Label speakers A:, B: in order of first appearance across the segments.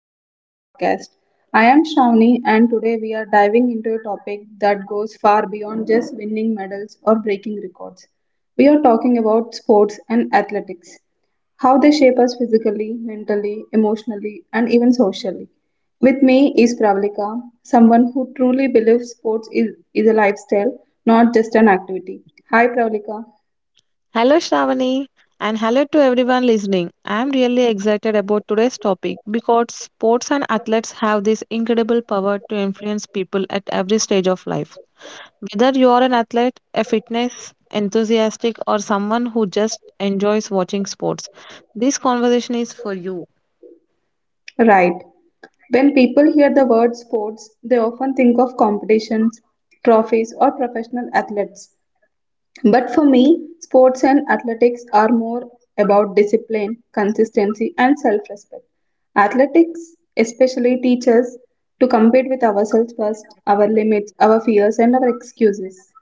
A: back to our podcast. I am Shravani and today we are diving into a topic that goes far beyond just winning medals or breaking records. We are talking about sports and athletics, how they shape us physically, mentally, emotionally, and even socially. With me is Pravalika, someone who truly believes sports is a lifestyle, not just an activity. Hi Pravalika.
B: Hello, Shravani, and hello to everyone listening. I am really excited about today's topic because sports and athletes have this incredible power to influence people at every stage of life. Whether you are an athlete, a fitness enthusiastic, or someone who just enjoys watching sports, this conversation is for you.
A: Right. When people hear the word sports, they often think of competitions, trophies, or professional athletes. But for me, sports and athletics are more about discipline, consistency, and self respect. Athletics especially teaches to compete with ourselves first, our limits, our fears, and our excuses.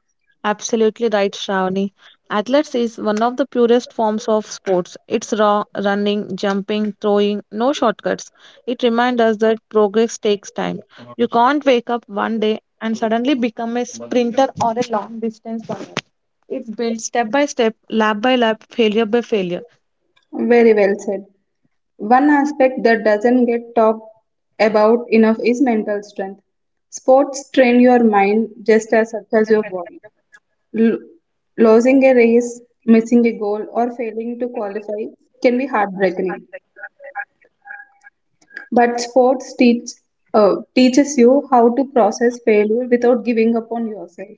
B: Absolutely right, Shravani. Athletics is one of the purest forms of sports. It's raw, running, jumping, throwing, no shortcuts. It reminds us that progress takes time. You can't wake up one day and suddenly become a sprinter or a long distance runner. It's built step by step, lap by lap, failure by failure.
A: Very well said. One aspect that doesn't get talked about enough is mental strength. Sports train your mind just as much as your body. L- Losing a race, missing a goal, or failing to qualify can be heartbreaking. But sports teach teaches you how to process failure without giving up on yourself.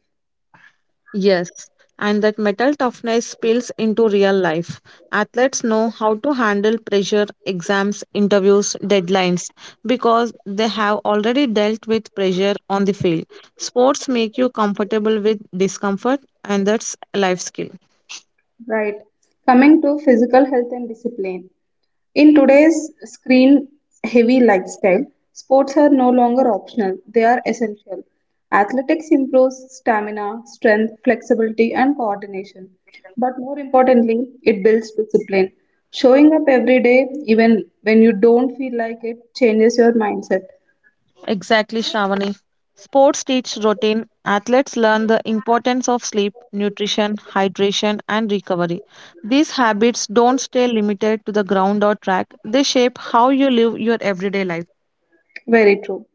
B: Yes, and that metal toughness spills into real life. Athletes know how to handle pressure, exams, interviews, deadlines because they have already dealt with pressure on the field. Sports make you comfortable with discomfort, and that's a life skill.
A: Right. Coming to physical health and discipline. In today's screen heavy lifestyle, sports are no longer optional, they are essential. Athletics improves stamina, strength, flexibility, and coordination. But more importantly, it builds discipline. Showing up every day, even when you don't feel like it, changes your mindset.
B: Exactly, Shravani. Sports teach routine. Athletes learn the importance of sleep, nutrition, hydration, and recovery. These habits don't stay limited to the ground or track. They shape how you live your everyday life.
A: Very true.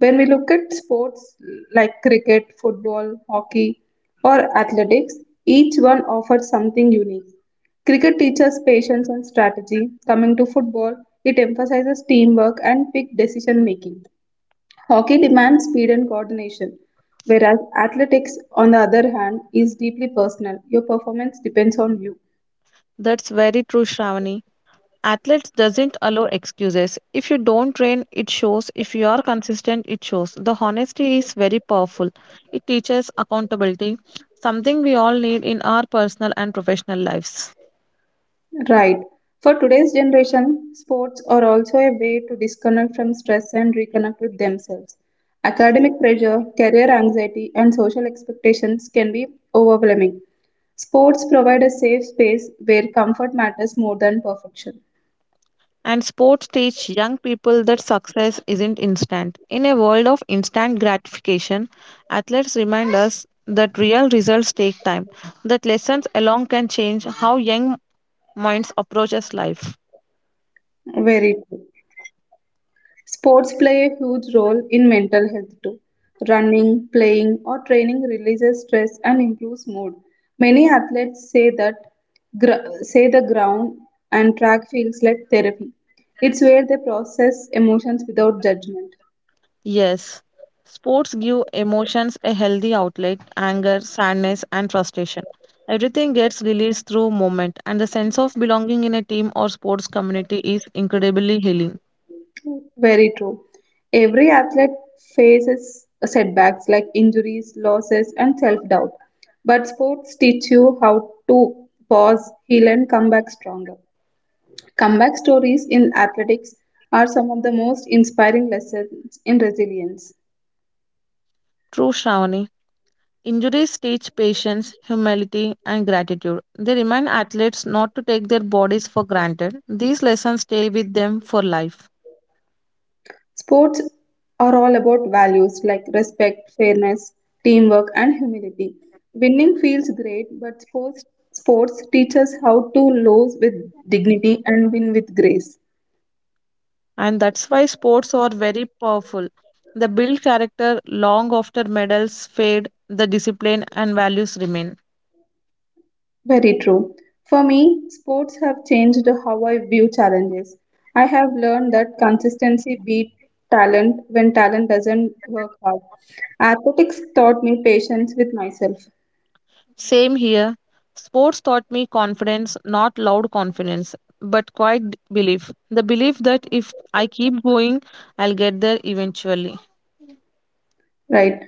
A: When we look at sports like cricket, football, hockey, or athletics, each one offers something unique. Cricket teaches patience and strategy. Coming to football, it emphasizes teamwork and quick decision making. Hockey demands speed and coordination, whereas athletics, on the other hand, is deeply personal. Your performance depends on you.
B: That's very true, Shravani. Athletes doesn't allow excuses. If you don't train, it shows. If you are consistent, it shows. The honesty is very powerful. It teaches accountability, something we all need in our personal and professional lives.
A: Right. For today's generation, sports are also a way to disconnect from stress and reconnect with themselves. Academic pressure, career anxiety, and social expectations can be overwhelming. Sports provide a safe space where comfort matters more than perfection.
B: And sports teach young people that success isn't instant. In a world of instant gratification, athletes remind us that real results take time, that lessons alone can change how young minds approaches life.
A: Very true. Sports play a huge role in mental health too. Running, playing, or training releases stress and improves mood. Many athletes say that gr- say the ground and track feels like therapy. It's where they process emotions without judgment.
B: Yes, sports give emotions a healthy outlet, anger, sadness, and frustration. Everything gets released through movement, and the sense of belonging in a team or sports community is incredibly healing.
A: Very true. Every athlete faces setbacks like injuries, losses, and self-doubt. But sports teach you how to pause, heal, and come back stronger. Comeback stories in athletics are some of the most inspiring lessons in resilience.
B: True, Shravani. Injuries teach patience, humility, and gratitude. They remind athletes not to take their bodies for granted. These lessons stay with them for life.
A: Sports are all about values like respect, fairness, teamwork, and humility. Winning feels great, but sports teach us how to lose with dignity and win with grace.
B: And that's why sports are very powerful. They build character long after medals fade, the discipline and values remain.
A: Very true. For me, sports have changed how I view challenges. I have learned that consistency beat talent when talent doesn't work hard. Athletics taught me patience with myself,
B: Same here. Sports taught me confidence, not loud confidence, but quiet belief. The belief that if I keep going, I'll get there eventually.
A: right?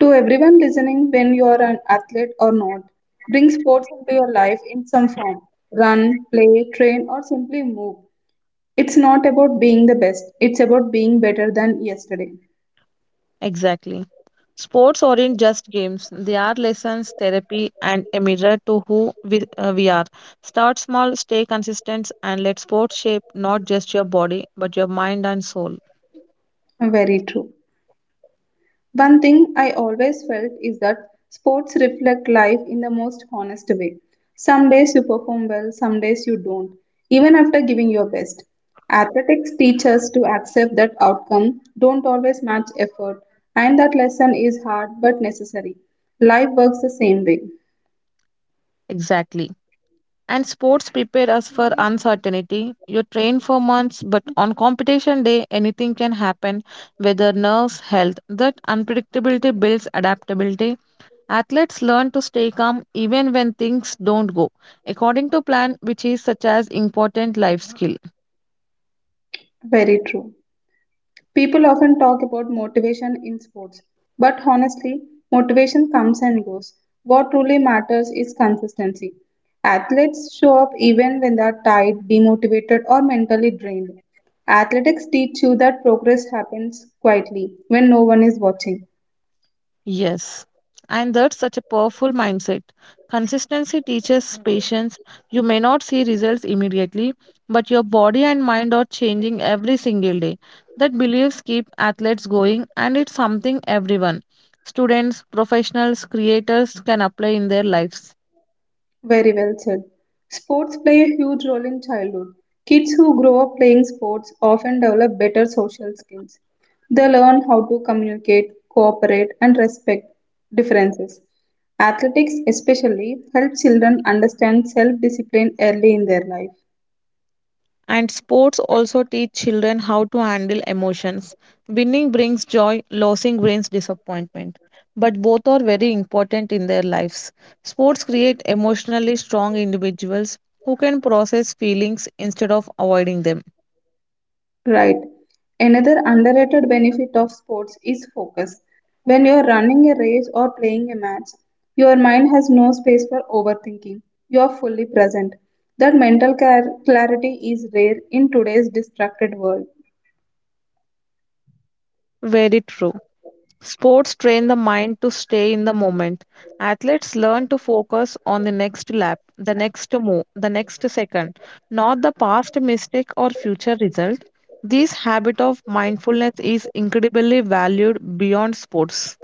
A: To everyone listening, when you are an athlete or not, bring sports into your life in some form. Run, play, train, or simply move. It's not about being the best, it's about being better than yesterday.
B: Exactly. Sports aren't just games, they are lessons, therapy, and a mirror to who we are. Start small, stay consistent, and let sports shape not just your body, but your mind and soul.
A: Very true. One thing I always felt is that sports reflect life in the most honest way. Some days you perform well, some days you don't, even after giving your best. Athletics teach us to accept that outcome don't always match effort, and that lesson is hard but necessary. Life works the same way.
B: Exactly. And sports prepare us for uncertainty. You train for months, but on competition day, anything can happen, whether nerves, health. That unpredictability builds adaptability. Athletes learn to stay calm even when things don't go according to plan, which is such as important life skill.
A: Very true. People often talk about motivation in sports, but honestly, motivation comes and goes. What truly matters is consistency. Athletes show up even when they are tired, demotivated, or mentally drained. Athletics teach you that progress happens quietly when no one is watching.
B: Yes, and that's such a powerful mindset. Consistency teaches patience. You may not see results immediately, but your body and mind are changing every single day. That beliefs keep athletes going, and it's something everyone, students, professionals, creators, can apply in their lives.
A: Very well said. Sports play a huge role in childhood. Kids who grow up playing sports often develop better social skills. They learn how to communicate, cooperate, and respect differences. Athletics, especially, help children understand self discipline early in their life.
B: And sports also teach children how to handle emotions. Winning brings joy, losing brings disappointment. But both are very important in their lives. Sports create emotionally strong individuals who can process feelings instead of avoiding them.
A: Right. Another underrated benefit of sports is focus. When you're running a race or playing a match, your mind has no space for overthinking. You're fully present. That clarity is rare in today's distracted world.
B: Very true. Sports train the mind to stay in the moment. Athletes learn to focus on the next lap, the next move, the next second, not the past mistake or future result. This habit of mindfulness is incredibly valued beyond sports.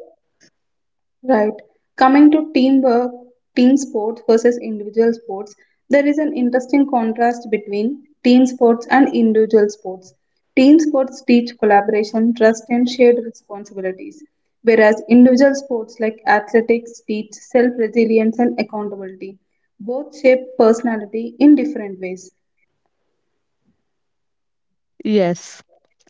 A: Right. Coming to teamwork, team sports versus individual sports, there is an interesting contrast between team sports and individual sports. Team sports teach collaboration, trust, and shared responsibilities, whereas individual sports like athletics teach self resilience and accountability. Both shape personality in different ways.
B: Yes.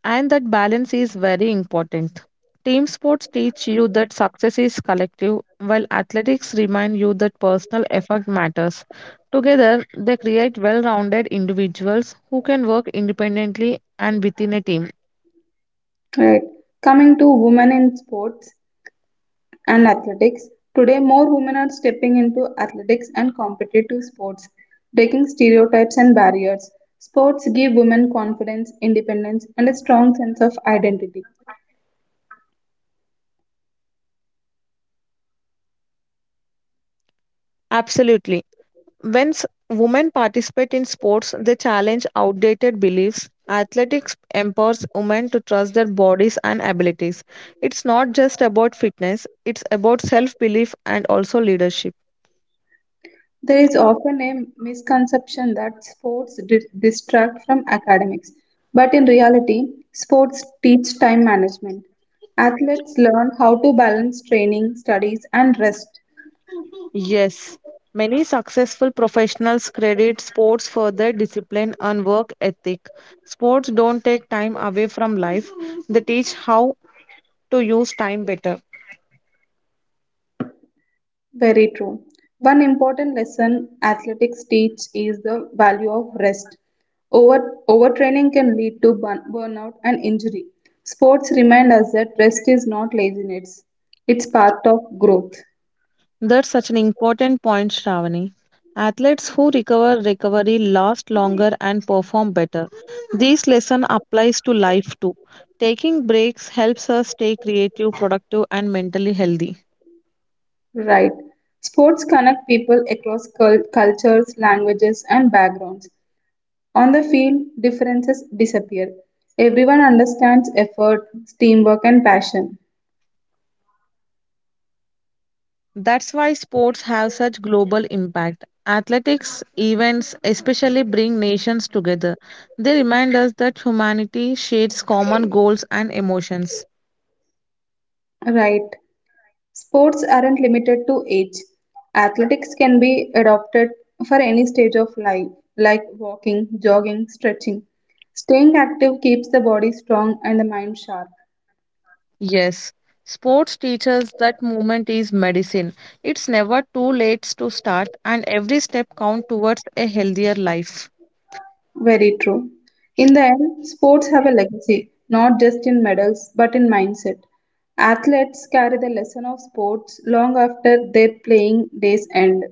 B: And that balance is very important. Team sports teach you that success is collective, while athletics remind you that personal effort matters. Together, they create well rounded individuals who can work independently and within a team.
A: Right. Coming to women in sports, and athletics. Today, more women are stepping into athletics and competitive sports, breaking stereotypes and barriers. Sports give women confidence, independence, and a strong sense of identity.
B: Absolutely. When women participate in sports, they challenge outdated beliefs. Athletics empowers women to trust their bodies and abilities. It's not just about fitness, it's about self belief and also leadership.
A: There is often a misconception that distract from academics, but in reality, sports teach time management. Athletes learn how to balance training, studies, and rest.
B: Yes, many successful professionals credit sports for their discipline and work ethic. Sports don't take time away from life, they teach how to use time better.
A: Very true. One important lesson athletics teach is the value of rest. Over, Overtraining can lead to burnout and injury. Sports remind us that rest is not laziness, it's part of growth.
B: That's such an important point, Shravani. Athletes who recover recovery last longer and perform better. This lesson applies to life too. Taking breaks helps us stay creative, productive, and mentally healthy.
A: Right. Sports connect people across cultures, languages, and backgrounds. On the field, differences disappear. Everyone understands effort, teamwork, and passion.
B: That's why sports have such global impact. Athletics events especially bring nations together. They remind us that humanity shares common goals and emotions.
A: Right. Sports aren't limited to age. Athletics can be adopted for any stage of life, like walking, jogging, stretching. Staying active keeps the body strong and the mind sharp.
B: Yes, sports teaches that movement is medicine. It's never too late to start and every step counts towards a healthier life.
A: Very true. In the end, sports have a legacy, not just in medals, but in mindset. Athletes carry the lesson of sports long after their playing days end.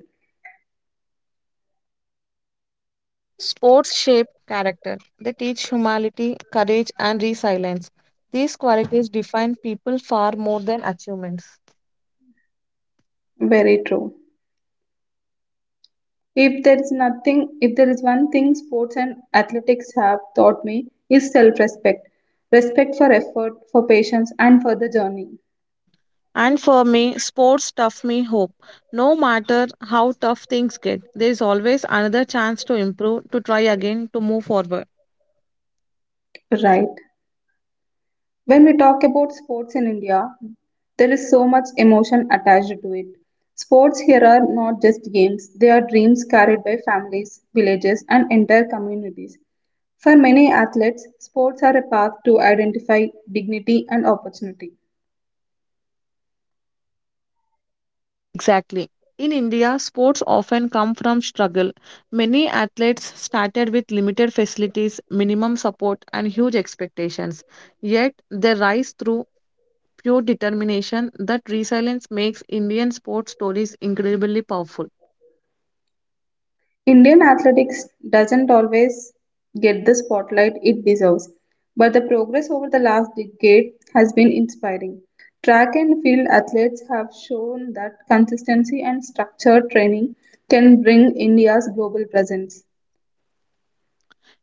B: Sports shape character. They teach humility, courage and resilience. These qualities define people far more than achievements.
A: Very true. If there is one thing sports and athletics have taught me is self-respect, respect for effort, for patience, and for the journey.
B: And for me, sports tough me hope. No matter how tough things get, there is always another chance to improve, to try again, to move forward.
A: Right. When we talk about sports in India, there is so much emotion attached to it. Sports here are not just games; they are dreams carried by families, villages, and entire communities. For many athletes, sports are a path to identify dignity and opportunity.
B: Exactly. In India, sports often come from struggle. Many athletes started with limited facilities, minimum support, and huge expectations. Yet, they rise through pure determination. That resilience makes Indian sports stories incredibly powerful.
A: Indian athletics doesn't always get the spotlight it deserves, but the progress over the last decade has been inspiring. Track and field athletes have shown that consistency and structured training can bring India's global presence.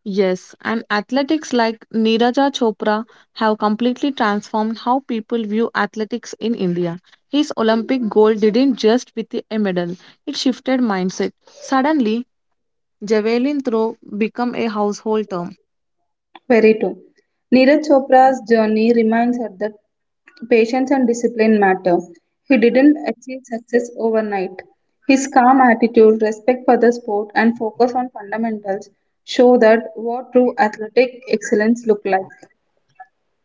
B: Yes, and athletics like Niraja Chopra have completely transformed how people view athletics in India. His Olympic gold didn't just with a medal, it shifted mindset. Suddenly, javelin throw became a household term.
A: Very true. Neeraj Chopra's journey reminds us that patience and discipline matter. He didn't achieve success overnight. His calm attitude, respect for the sport, and focus on fundamentals show that what true athletic excellence look like.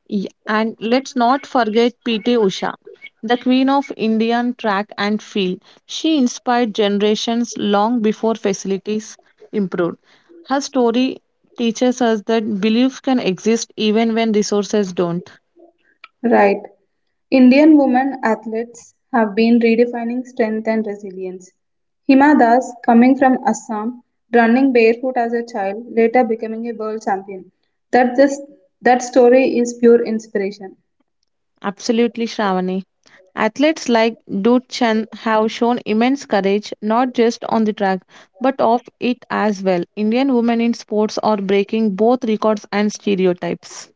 B: Yeah, and let's not forget PT Usha, the queen of Indian track and field. She inspired generations long before facilities improved. Her story teaches us that beliefs can exist even when resources don't.
A: Right. Indian women athletes have been redefining strength and resilience. Hima Das, coming from Assam, running barefoot as a child, later becoming a world champion. That just that story is pure inspiration.
B: Absolutely, Shravani. Athletes like Dut Chand have shown immense courage not just on the track but off it as well. Indian women in sports are breaking both records and stereotypes.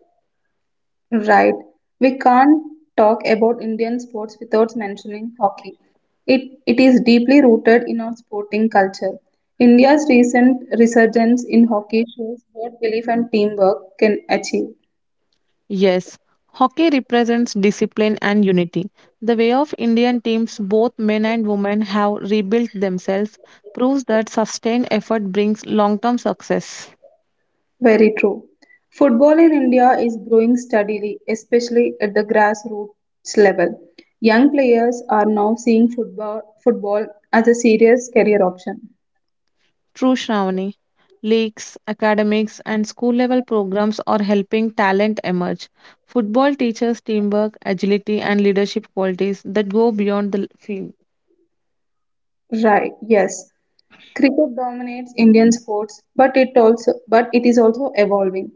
A: Right. We can't talk about Indian sports without mentioning hockey. It is deeply rooted in our sporting culture. India's recent resurgence in hockey shows what belief and teamwork can achieve.
B: Yes, hockey represents discipline and unity. The way of Indian teams, both men and women, have rebuilt themselves proves that sustained effort brings long term success.
A: Very true. Football in India is growing steadily, especially at the grassroots level. Young players are now seeing football as a serious career option.
B: True, Shravani. Leagues, academics, and school level programs are helping talent emerge. Football teaches teamwork, agility, and leadership qualities that go beyond the field.
A: Right, yes. Cricket dominates Indian sports, but it is also evolving.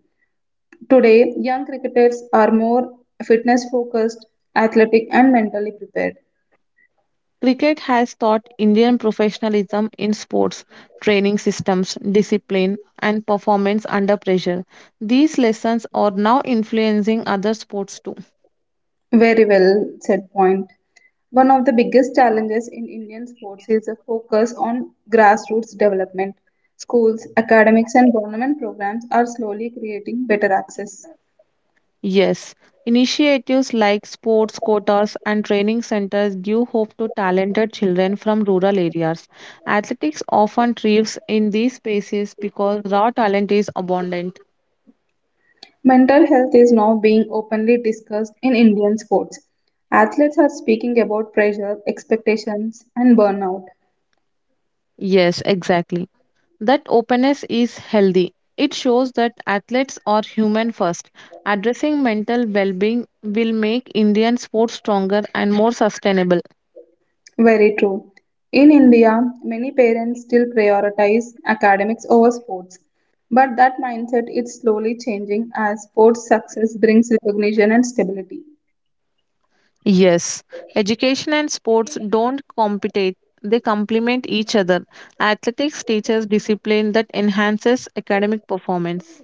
A: Today, young cricketers are more fitness focused, athletic and mentally prepared.
B: Cricket has taught Indian professionalism in sports, training systems, discipline, and performance under pressure. These lessons are now influencing other sports too.
A: Very well said point. One of the biggest challenges in Indian sports is the focus on grassroots development. Schools, academics, and government programs are slowly creating better access.
B: Yes, initiatives like sports quotas and training centers give hope to talented children from rural areas. Athletics often thrives in these spaces because raw talent is abundant.
A: Mental health is now being openly discussed in Indian sports. Athletes are speaking about pressure, expectations, and burnout.
B: Yes, exactly. That openness is healthy. It shows that athletes are human first. Addressing mental well being will make Indian sports stronger and more sustainable.
A: Very true. In India, many parents still prioritize academics over sports. But that mindset is slowly changing as sports success brings recognition and stability.
B: Yes, education and sports don't compete, they complement each other. Athletics teaches discipline that enhances academic performance.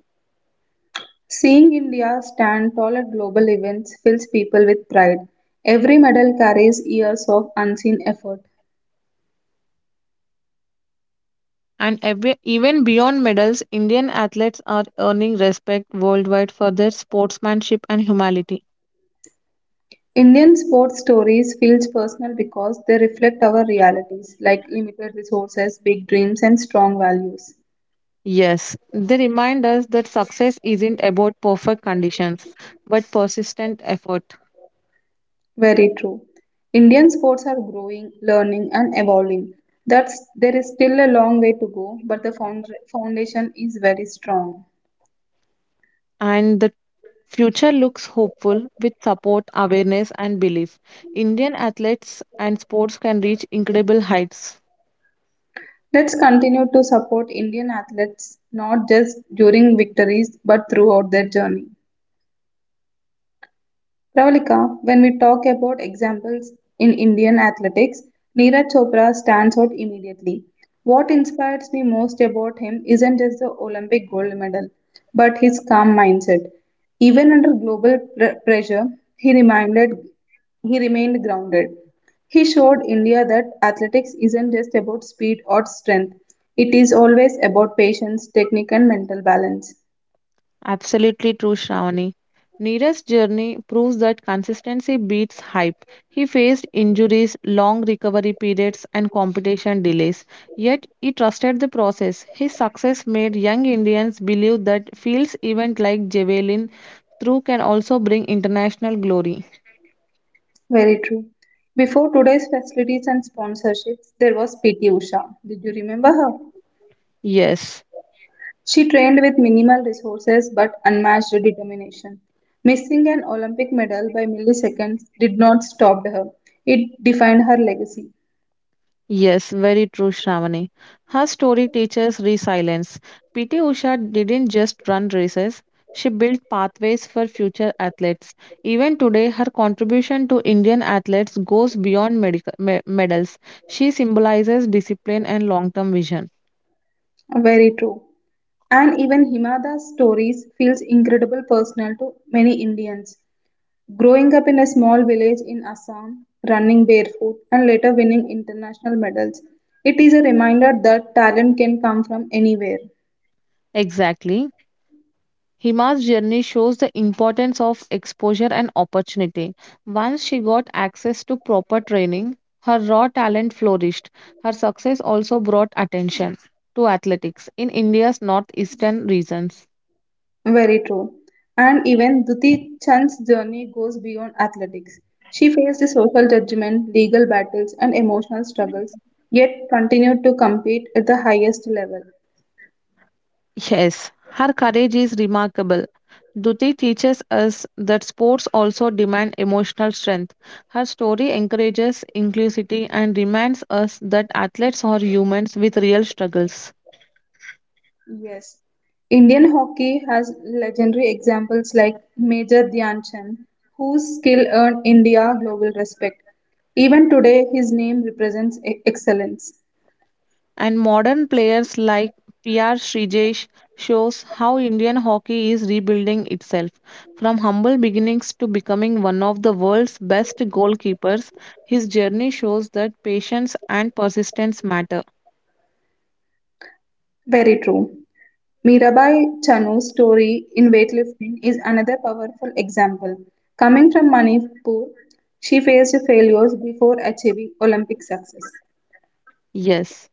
A: Seeing India stand tall at global events fills people with pride. Every medal carries years of unseen effort.
B: And even beyond medals, Indian athletes are earning respect worldwide for their sportsmanship and humanity.
A: Indian sports stories feels personal because they reflect our realities like limited resources, big dreams and strong values.
B: Yes, they remind us that success isn't about perfect conditions, but persistent effort.
A: Very true. Indian sports are growing, learning and evolving. That's there is still a long way to go, but the foundation is very strong.
B: And the future looks hopeful with support, awareness, and belief. Indian athletes and sports can reach incredible heights.
A: Let's continue to support Indian athletes not just during victories but throughout their journey. Pravalika, when we talk about examples in Indian athletics, Neeraj Chopra stands out immediately. What inspires me most about him isn't just the Olympic gold medal, but his calm mindset. Even under pressure, he reminded he remained grounded. He showed India that athletics isn't just about speed or strength. It is always about patience, technique and mental balance.
B: Absolutely true, Shravani. Neeraj's journey proves that consistency beats hype. He faced injuries, long recovery periods, and competition delays. Yet he trusted the process. His success made young Indians believe that fields event like javelin throw can also bring international glory.
A: Very true. Before today's facilities and sponsorships, there was PT Usha. Did you remember her?
B: Yes.
A: She trained with minimal resources but unmatched determination. Missing an Olympic medal by milliseconds did not stop her. It defined her legacy.
B: Yes, very true, Shravani. Her story teaches resilience. PT Usha didn't just run races, she built pathways for future athletes. Even today, her contribution to Indian athletes goes beyond medals. She symbolizes discipline and long term vision.
A: Very true. And even Himada's stories feels incredible personal to many Indians. Growing up in a small village in Assam, running barefoot, and later winning international medals, it is a reminder that talent can come from anywhere.
B: Exactly. Hima's journey shows the importance of exposure and opportunity. Once she got access to proper training, her raw talent flourished. Her success also brought attention to athletics in India's northeastern regions.
A: Very true. And even Duti Chand's journey goes beyond athletics. She faced social judgment, legal battles, and emotional struggles, yet continued to compete at the highest level.
B: Yes, her courage is remarkable. Duti teaches us that sports also demand emotional strength. Her story encourages inclusivity and reminds us that athletes are humans with real struggles.
A: Yes. Indian hockey has legendary examples like Major Dhyan Chand, whose skill earned India global respect. Even today, his name represents excellence.
B: And modern players like PR Srijesh shows how Indian hockey is rebuilding itself. From humble beginnings to becoming one of the world's best goalkeepers, his journey shows that patience and persistence matter.
A: Very true. Mirabai Chanu's story in weightlifting is another powerful example. Coming from Manipur, she faced failures before achieving Olympic success.
B: Yes.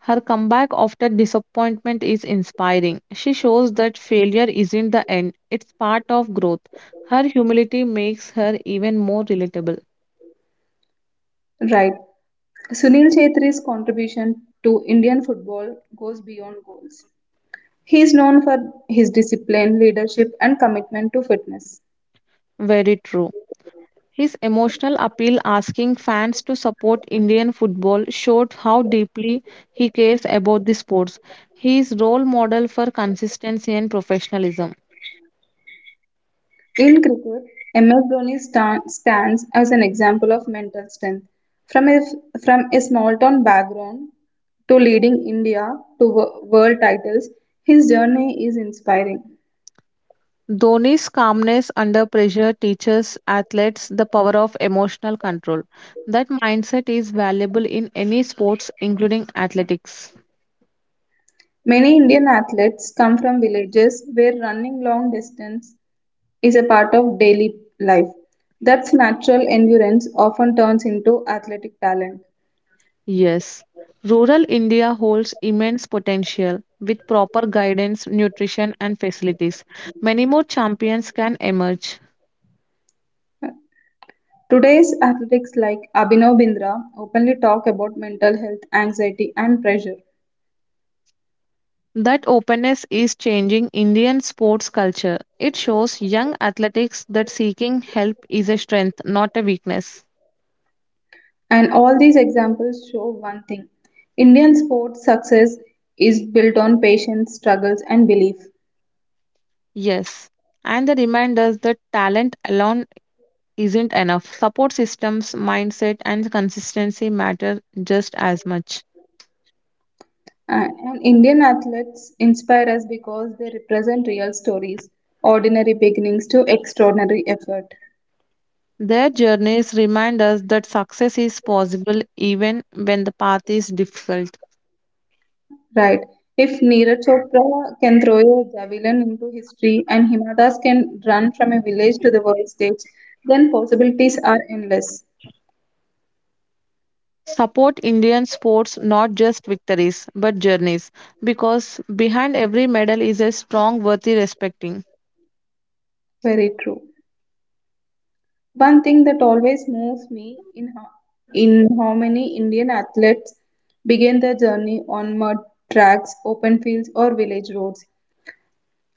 B: Her comeback after disappointment is inspiring. She shows that failure isn't the end, it's part of growth. Her humility makes her even more relatable.
A: Right. Sunil Chhetri's contribution to Indian football goes beyond goals. He is known for his discipline, leadership, and commitment to fitness.
B: Very true. His emotional appeal asking fans to support Indian football showed how deeply he cares about the sports. He is role model for consistency and professionalism.
A: In cricket, MS Dhoni stands as an example of mental strength. From a, from a small town background to leading India to world titles, his journey is inspiring.
B: Dhoni's calmness under pressure teaches athletes the power of emotional control. That mindset is valuable in any sports including athletics.
A: Many Indian athletes come from villages where running long distance is a part of daily life. That's natural endurance often turns into athletic talent.
B: Yes. Rural India holds immense potential with proper guidance, nutrition and facilities. Many more champions can emerge.
A: Today's athletes like Abhinav Bindra openly talk about mental health, anxiety, and pressure.
B: That openness is changing Indian sports culture. It shows young athletics that seeking help is a strength, not a weakness.
A: And all these examples show one thing Indian sports success is built on patience, struggles, and belief.
B: Yes. And the reminders that talent alone isn't enough. Support systems, mindset, and consistency matter just as much.
A: And Indian athletes inspire us because they represent real stories, ordinary beginnings to extraordinary effort.
B: Their journeys remind us that success is possible even when the path is difficult.
A: Right. If Neeraj Chopra can throw a javelin into history and Hima Das can run from a village to the world stage, then possibilities are endless.
B: Support Indian sports not just victories but journeys because behind every medal is a strong worthy respecting.
A: Very true. One thing that always moves me in how many Indian athletes begin their journey on mud tracks, open fields, or village roads.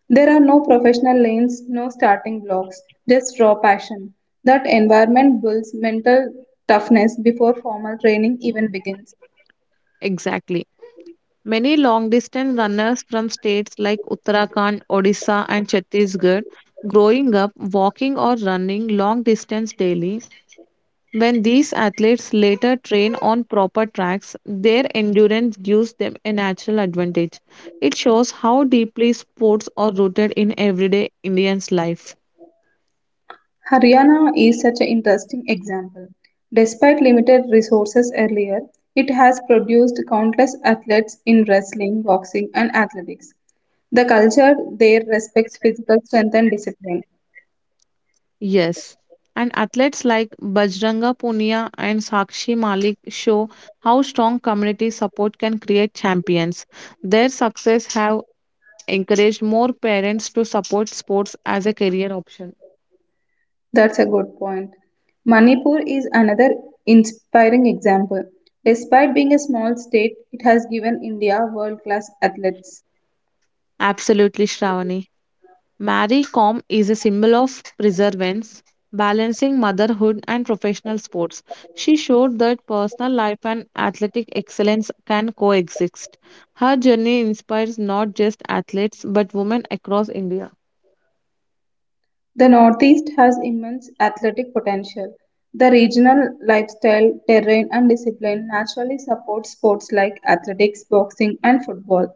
A: There are no professional lanes, no starting blocks, just raw passion. That environment builds mental toughness before formal training even begins.
B: Exactly. Many long distance runners from states like Uttarakhand, Odisha, and Chhattisgarh growing up walking or running long distance daily. When these athletes later train on proper tracks, their endurance gives them a natural advantage. It shows how deeply sports are rooted in everyday Indians' life.
A: Haryana is such an interesting example. Despite limited resources earlier, it has produced countless athletes in wrestling, boxing, and athletics. The culture there respects physical strength and discipline.
B: Yes. And athletes like Bajranga Punia and Sakshi Malik show how strong community support can create champions. Their success have encouraged more parents to support sports as a career option.
A: That's a good point. Manipur is another inspiring example. Despite being a small state, it has given India world class athletes.
B: Absolutely, Shravani. Marie Kom is a symbol of perseverance, balancing motherhood and professional sports. She showed that personal life and athletic excellence can coexist. Her journey inspires not just athletes but women across India.
A: The Northeast has immense athletic potential. The regional lifestyle, terrain, and discipline naturally support sports like athletics, boxing, and football.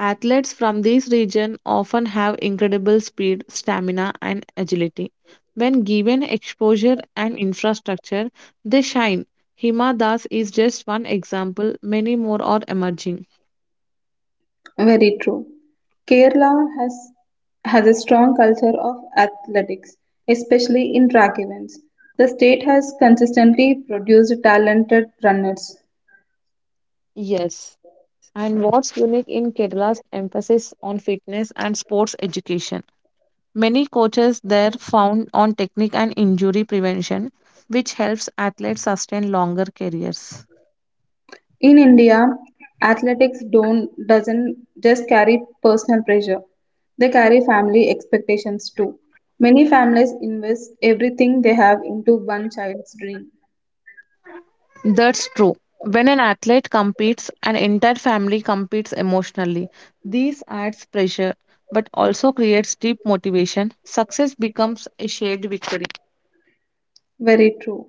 B: Athletes from this region often have incredible speed, stamina, and agility. When given exposure and infrastructure, they shine. Hima Das is just one example, many more are emerging.
A: Very true. Kerala has a strong culture of athletics, especially in track events. The state has consistently produced talented runners.
B: Yes. And what's unique in Kerala's emphasis on fitness and sports education? Many coaches there found on technique and injury prevention, which helps athletes sustain longer careers.
A: In India, athletics don't doesn't just carry personal pressure. They carry family expectations too. Many families invest everything they have into one child's dream.
B: That's true. When an athlete competes, an entire family competes emotionally. This adds pressure but also creates deep motivation. Success becomes a shared victory.
A: Very true.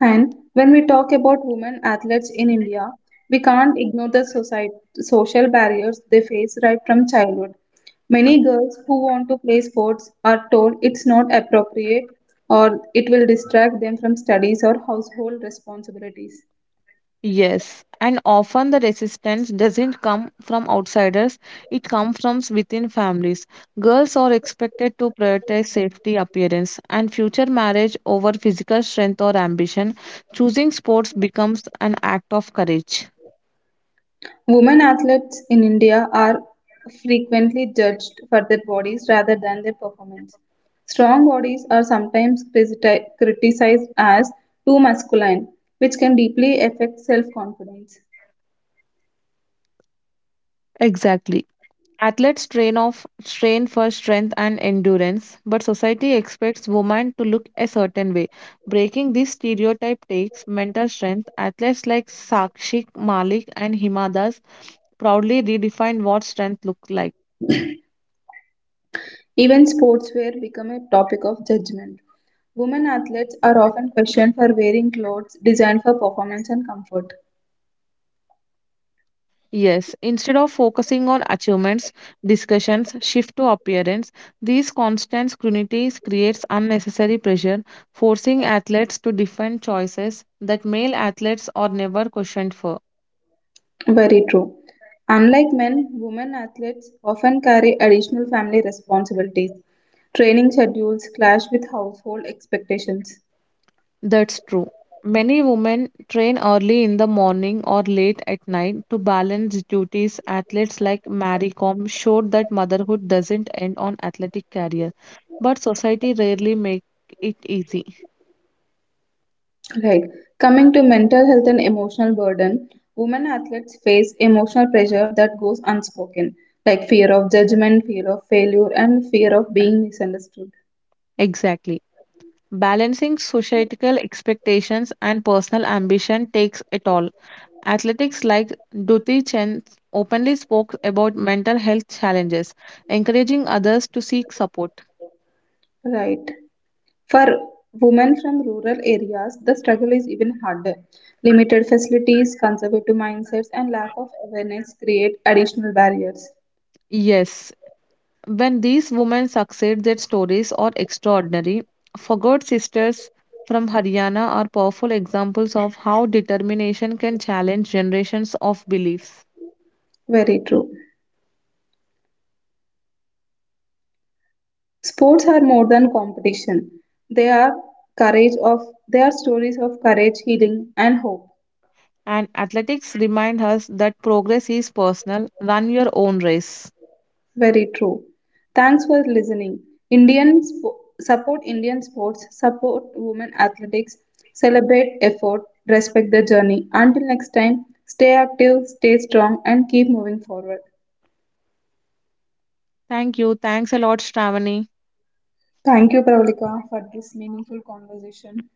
A: And when we talk about women athletes in India, we can't ignore social barriers they face right from childhood. Many girls who want to play sports are told it's not appropriate or it will distract them from studies or household responsibilities.
B: Yes, and often the resistance doesn't come from outsiders, it comes from within families. Girls are expected to prioritize safety, appearance, and future marriage over physical strength or ambition. Choosing sports becomes an act of courage.
A: Women athletes in India are frequently judged for their bodies rather than their performance. Strong bodies are sometimes criticized as too masculine, which can deeply affect self confidence.
B: Exactly. Athletes train off train for strength and endurance, but society expects women to look a certain way. Breaking this stereotype takes mental strength. Athletes like Sakshi Malik and Hima Das proudly redefined what strength looked like.
A: Even sportswear become a topic of judgment. Women athletes are often questioned for wearing clothes designed for performance and comfort.
B: Yes, instead of focusing on achievements, discussions, shift to appearance, these constant scrutinies creates unnecessary pressure, forcing athletes to defend choices that male athletes are never questioned for.
A: Very true. Unlike men, women athletes often carry additional family responsibilities. Training schedules clash with household expectations.
B: That's true. Many women train early in the morning or late at night to balance duties. Athletes like Marie Kom showed that motherhood doesn't end on athletic career, but society rarely make it easy.
A: Right. Coming to mental health and emotional burden, women athletes face emotional pressure that goes unspoken, like fear of judgment, fear of failure, and fear of being misunderstood.
B: Exactly. Balancing societal expectations and personal ambition takes it all. Athletics like Duti Chen openly spoke about mental health challenges, encouraging others to seek support.
A: Right. For women from rural areas, the struggle is even harder. Limited facilities, conservative mindsets, and lack of awareness create additional barriers.
B: Yes, when these women succeed, their stories are extraordinary. Forgot sisters from Haryana are powerful examples of how determination can challenge generations of beliefs.
A: Very true. Sports are more than competition. They are courage of they are stories of courage, healing, and hope.
B: And athletics remind us that progress is personal. Run your own race.
A: Very true. Thanks for listening. Support Indian sports, support women athletics, celebrate effort, respect the journey. Until next time, stay active, stay strong, and keep moving forward.
B: Thank you. Thanks a lot, Shravani.
A: Thank you, Pravalika, for this meaningful conversation.